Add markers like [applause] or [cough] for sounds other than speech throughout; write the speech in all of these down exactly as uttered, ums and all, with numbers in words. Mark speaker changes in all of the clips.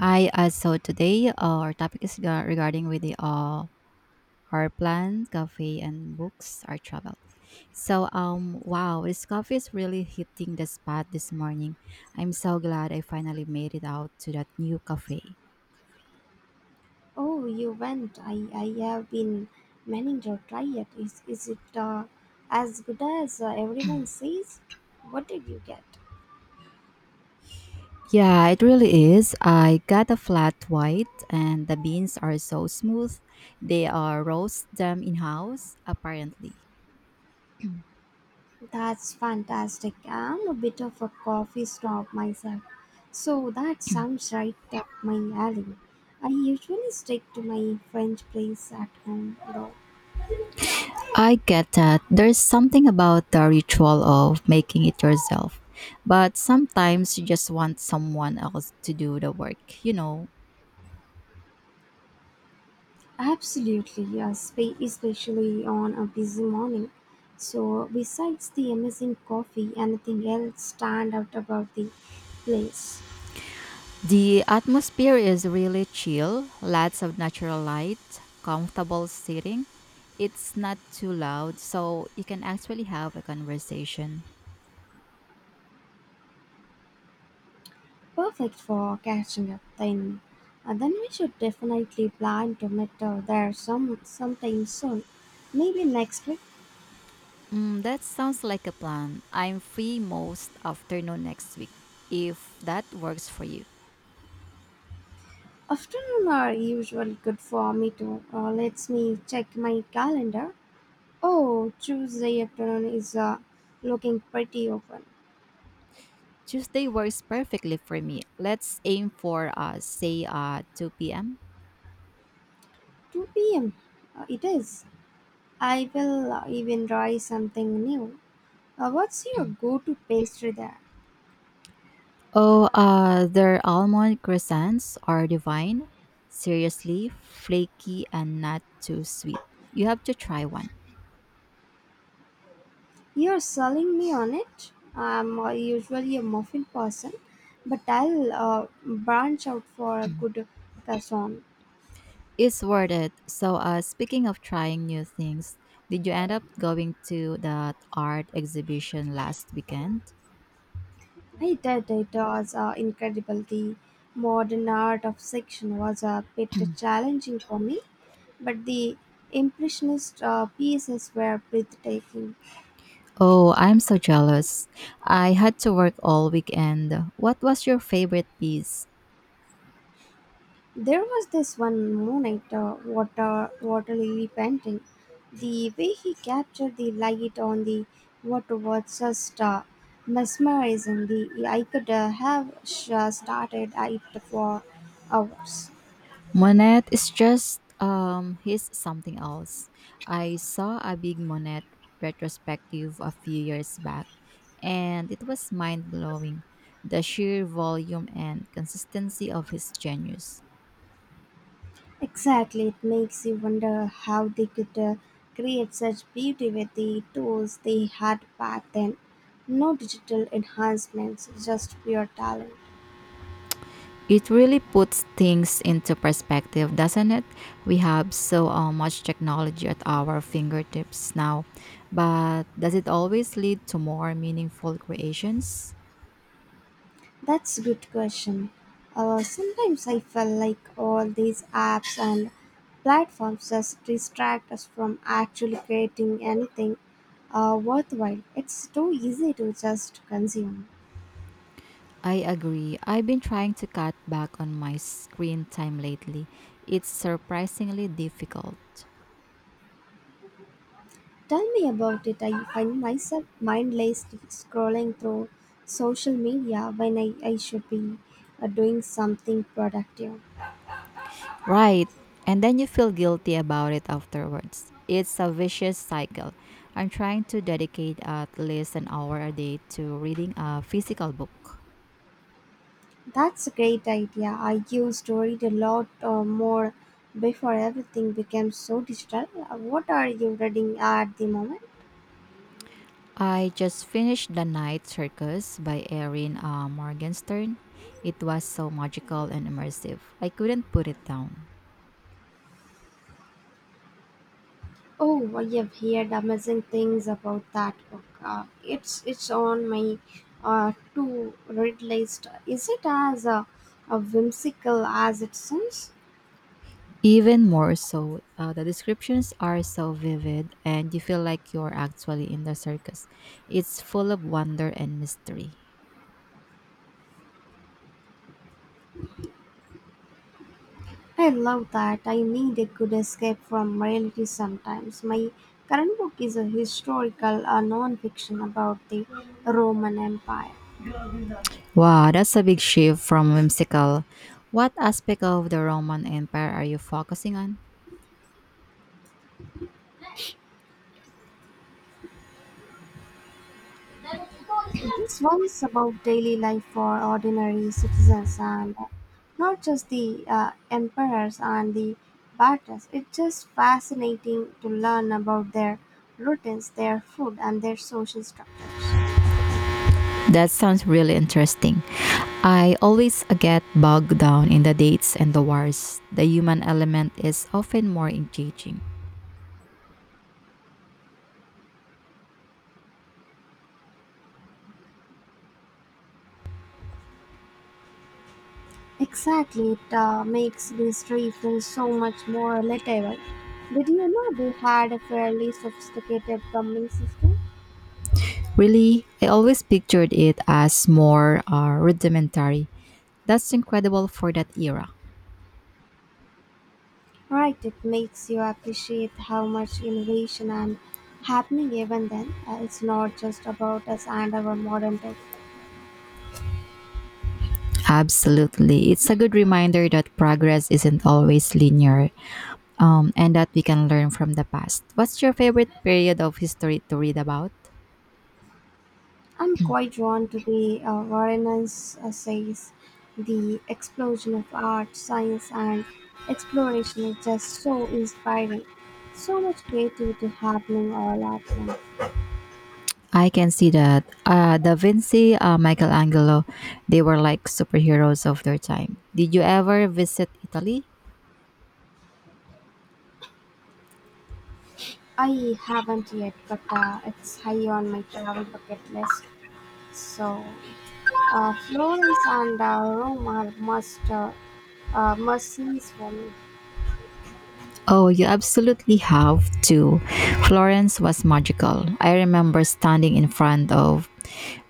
Speaker 1: Hi, uh, so today uh, our topic is ga- regarding with the uh, our plans, coffee, and books, our travel. So, um, wow, this coffee is really hitting the spot this morning. I'm so glad I finally made it out to that new cafe.
Speaker 2: Oh, you went. I, I have been meaning to try it. Is, is it uh, as good as uh, everyone
Speaker 1: [clears throat]
Speaker 2: says? What did you get?
Speaker 1: Yeah, it really is. I got a flat white, and the beans are so smooth. They are roast them in house, apparently.
Speaker 2: That's fantastic. I'm a bit of a coffee snob myself, so that sounds right up my alley. I usually stick to my French place at home, though.
Speaker 1: I get that there's something about the ritual of making it yourself, but sometimes you just want someone else to do the work, you know.
Speaker 2: Absolutely, yes, spe- especially on a busy morning. So, besides the amazing coffee, anything else stand out about the place?
Speaker 1: The atmosphere is really chill, lots of natural light, comfortable seating. It's not too loud, so you can actually have a conversation.
Speaker 2: Perfect for catching up. Then, uh, then we should definitely plan to meet uh, there some sometime soon. Maybe next week.
Speaker 1: Mm, that sounds like a plan. I'm free most afternoon next week, if that works for you.
Speaker 2: Afternoon are usually good for me too. Uh, let me check my calendar. Oh, Tuesday afternoon is uh, looking pretty open.
Speaker 1: Tuesday works perfectly for me. Let's aim for uh say uh two p m.
Speaker 2: two p m. Uh, it is. I will uh, even try something new. Uh, what's your go to pastry there?
Speaker 1: Oh, uh their almond croissants are divine. Seriously, flaky and not too sweet. You have to try one.
Speaker 2: You're selling me on it. I'm uh, usually a muffin person, but I'll uh, branch out for a good croissant.
Speaker 1: It's worth it. So, uh, speaking of trying new things, did you end up going to that art exhibition last weekend?
Speaker 2: I did, it was uh, incredible. The modern art of section was a bit challenging for me, but the impressionist uh, pieces were breathtaking.
Speaker 1: Oh, I'm so jealous. I had to work all weekend. What was your favorite piece?
Speaker 2: There was this one moonlight uh, water water lily painting. The way he captured the light on the water was just uh, mesmerizing. The I could uh, have sh- uh, started at it for hours.
Speaker 1: Monet is just um he's something else. I saw a big Monet retrospective a few years back, and it was mind-blowing the sheer volume and consistency of his genius.
Speaker 2: Exactly, it makes you wonder how they could uh, create such beauty with the tools they had back then. No digital enhancements, just pure talent.
Speaker 1: It really puts things into perspective, doesn't it? We have so uh, much technology at our fingertips now, but does it always lead to more meaningful creations?
Speaker 2: That's a good question. Uh, sometimes I feel like all these apps and platforms just distract us from actually creating anything uh, worthwhile. It's too easy to just consume.
Speaker 1: I agree. I've been trying to cut back on my screen time lately. It's surprisingly difficult.
Speaker 2: Tell me about it. I find myself mindlessly scrolling through social media when I, I should be uh, doing something productive.
Speaker 1: Right. And then you feel guilty about it afterwards. It's a vicious cycle. I'm trying to dedicate at least an hour a day to reading a physical book.
Speaker 2: That's a great idea. I used to read a lot uh, more before everything became so digital. Uh, What are you reading at the moment?
Speaker 1: I just finished The Night Circus by Erin uh, Morgenstern. It was so magical and immersive. I couldn't put it down.
Speaker 2: Oh, I have heard amazing things about that book. Uh, it's it's on my uh, to read list. Is it as uh, uh, whimsical as it sounds?
Speaker 1: Even more so, uh, the descriptions are so vivid and you feel like you're actually in the circus. It's full of wonder and mystery.
Speaker 2: I love that. I need a good escape from reality sometimes. My current book is a historical uh, non-fiction about the Roman Empire.
Speaker 1: Wow, that's a big shift from whimsical. What aspect of the Roman Empire are you focusing on?
Speaker 2: This one is about daily life for ordinary citizens and not just the uh, emperors and the battles. It's just fascinating to learn about their routines, their food, and their social structures.
Speaker 1: That sounds really interesting. I always get bogged down in the dates and the wars. The human element is often more engaging.
Speaker 2: Exactly, it uh, makes the history feel so much more relatable. Did you know they had a fairly sophisticated plumbing system?
Speaker 1: Really, I always pictured it as more uh, rudimentary. That's incredible for that era.
Speaker 2: Right, it makes you appreciate how much innovation and happening even then. Uh, it's not just about us and our modern tech.
Speaker 1: Absolutely. It's a good reminder that progress isn't always linear um, and that we can learn from the past. What's your favorite period of history to read about?
Speaker 2: I'm quite drawn to the uh, Warren's essays. The explosion of art, science, and exploration is just so inspiring. So much creativity happening all at once.
Speaker 1: I can see that. Uh, da Vinci, uh, Michelangelo, they were like superheroes of their time. Did you ever visit Italy?
Speaker 2: I haven't yet, but uh, it's high on my travel bucket list. So Uh, Florence and uh, Rome are must uh, uh, must sees for me.
Speaker 1: Oh, you absolutely have to. Florence was magical. I remember standing in front of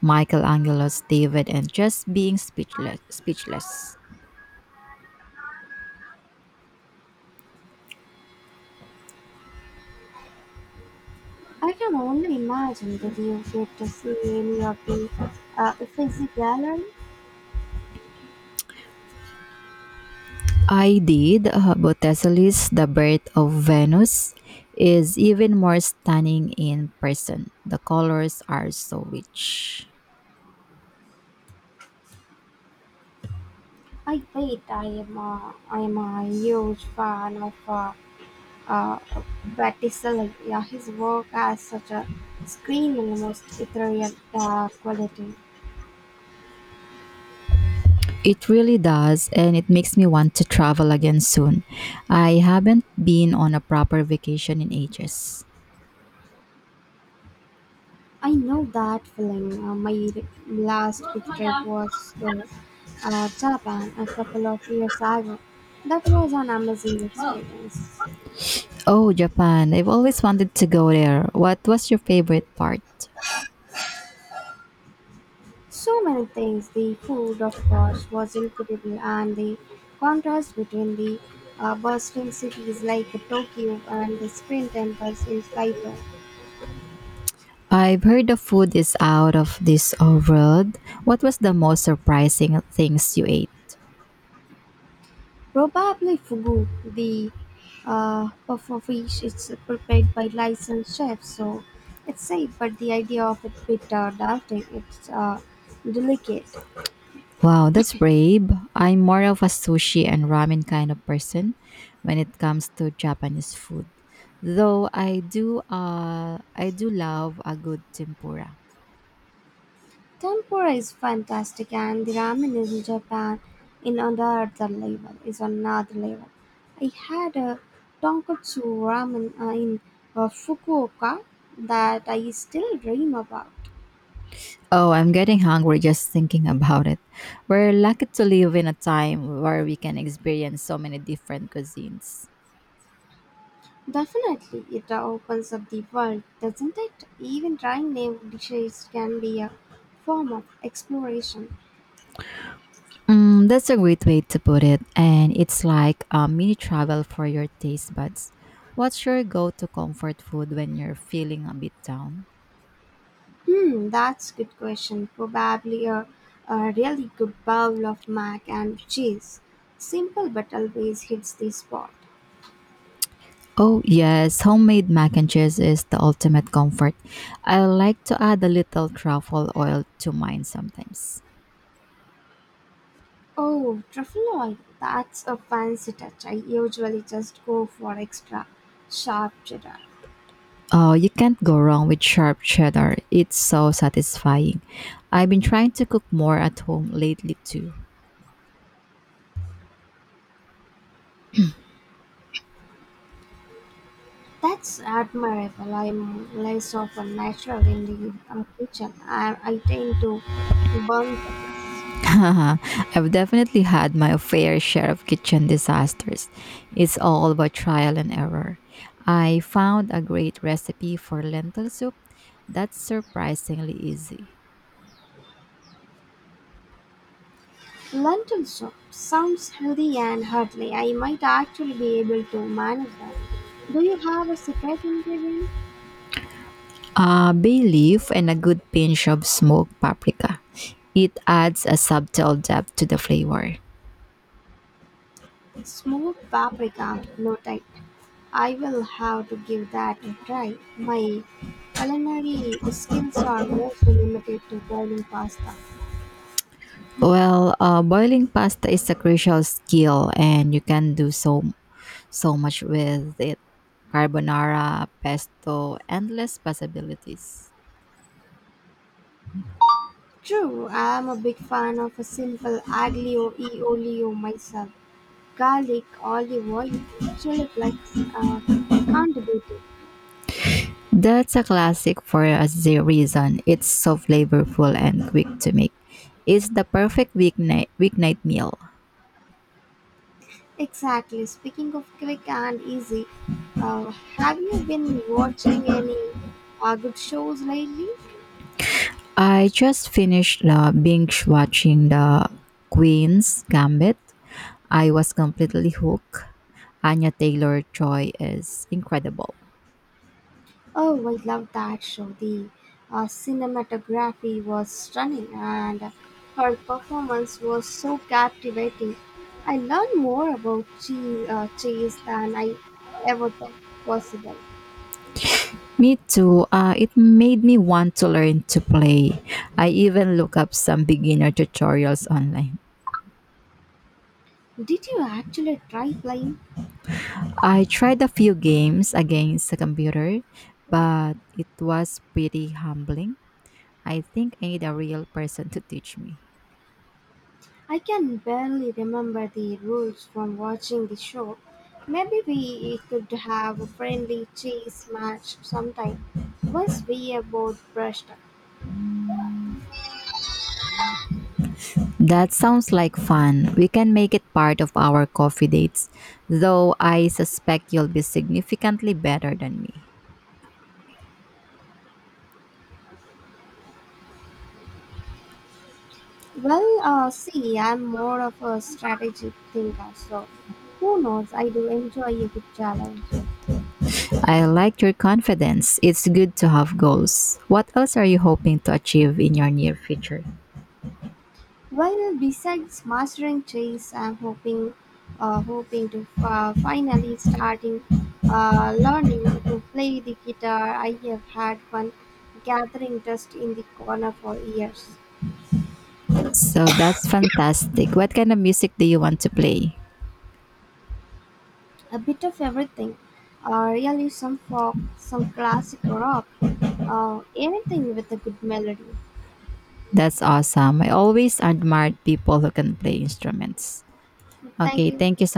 Speaker 1: Michelangelo's David and just being speechless. Speechless.
Speaker 2: I can only imagine. Did you get to see any of the uh, Uffizi gallery?
Speaker 1: I did. Uh, Botticelli's The Birth of Venus is even more stunning in person. The colors are so rich.
Speaker 2: I wait. I am a, I am a huge fan of uh, uh, Botticelli. Yeah, his work has such a screen almost ethereal uh, quality.
Speaker 1: It really does, and it makes me want to travel again soon. I haven't been on a proper vacation in ages.
Speaker 2: I know that feeling. Uh, my re- last big trip was to uh, Japan a couple of years ago. That was an amazing experience.
Speaker 1: Oh, Japan. I've always wanted to go there. What was your favorite part?
Speaker 2: So many things. The food, of course, was incredible, and the contrast between the uh, bustling cities like Tokyo and the screen temples in Saito.
Speaker 1: I've heard the food is out of this uh, world. What was the most surprising things you ate?
Speaker 2: Probably fugu, the uh, puff of fish, it's prepared by licensed chefs, so it's safe, but the idea of it bit uh, doubting, it's uh, delicate.
Speaker 1: Wow, that's brave. I'm more of a sushi and ramen kind of person when it comes to Japanese food. Though I do uh I do love a good tempura.
Speaker 2: Tempura is fantastic, and the ramen in Japan in another level, is another level. I had a tonkotsu ramen uh, in uh, Fukuoka that I still dream about.
Speaker 1: Oh, I'm getting hungry just thinking about it. We're lucky to live in a time where we can experience so many different cuisines.
Speaker 2: Definitely, it opens up the world, doesn't it? Even trying new dishes can be a form of exploration.
Speaker 1: Mm, that's a great way to put it, and it's like a mini travel for your taste buds. What's your go-to comfort food when you're feeling a bit down?
Speaker 2: Hmm, that's a good question. Probably a, a really good bowl of mac and cheese. Simple but always hits the spot.
Speaker 1: Oh, yes, homemade mac and cheese is the ultimate comfort. I like to add a little truffle oil to mine sometimes.
Speaker 2: Oh, truffle oil. That's a fancy touch. I usually just go for extra sharp cheddar.
Speaker 1: Oh, you can't go wrong with sharp cheddar. It's so satisfying. I've been trying to cook more at home lately too.
Speaker 2: That's admirable. I'm less of a natural in the um, kitchen. I, I tend to burn things.
Speaker 1: [laughs] I've definitely had my fair share of kitchen disasters. It's all about trial and error. I found a great recipe for lentil soup that's surprisingly easy.
Speaker 2: Lentil soup sounds healthy and hearty. I might actually be able to manage that. Do you have a secret ingredient?
Speaker 1: Uh, bay leaf and a good pinch of smoked paprika. It adds a subtle depth to the flavor.
Speaker 2: Smoked paprika, no type. I will have to give that a try. My culinary skills are mostly limited to boiling pasta.
Speaker 1: Well, uh, boiling pasta is a crucial skill, and you can do so so much with it. Carbonara, pesto, endless possibilities.
Speaker 2: True, I am a big fan of a simple aglio e olio myself. Garlic, olive oil, chili flakes, uh, can't beat it.
Speaker 1: That's a classic for a z- reason. It's so flavorful and quick to make. It's the perfect weeknight weeknight meal.
Speaker 2: Exactly. Speaking of quick and easy, uh, have you been watching any uh, good shows lately?
Speaker 1: I just finished uh, binge watching the Queen's Gambit. I was completely hooked. Anya Taylor Joy is incredible.
Speaker 2: Oh, I love that show. The uh, cinematography was stunning and her performance was so captivating. I learned more about cheese, uh, cheese than I ever thought possible.
Speaker 1: Me too. Uh, it made me want to learn to play. I even look up some beginner tutorials online.
Speaker 2: Did you actually try playing?
Speaker 1: I tried a few games against the computer, but it was pretty humbling. I think I need a real person to teach me.
Speaker 2: I can barely remember the rules from watching the show. Maybe we could have a friendly chase match sometime once we are both brushed up.
Speaker 1: That sounds like fun. We can make it part of our coffee dates, though I suspect you'll be significantly better than me.
Speaker 2: Well, uh, see, I'm more of a strategic thinker, so who knows? I do enjoy a good challenge.
Speaker 1: I like your confidence. It's good to have goals. What else are you hoping to achieve in your near future?
Speaker 2: Well, besides mastering chess, I'm hoping, uh, hoping to uh, finally starting uh, learning to play the guitar. I have had one gathering dust in the corner for years.
Speaker 1: So that's fantastic. What kind of music do you want to play?
Speaker 2: A bit of everything, uh, really some folk, some classic rock, uh, anything with a good melody.
Speaker 1: That's awesome. I always admired people who can play instruments.
Speaker 2: Thank
Speaker 1: Okay,
Speaker 2: you.
Speaker 1: thank you so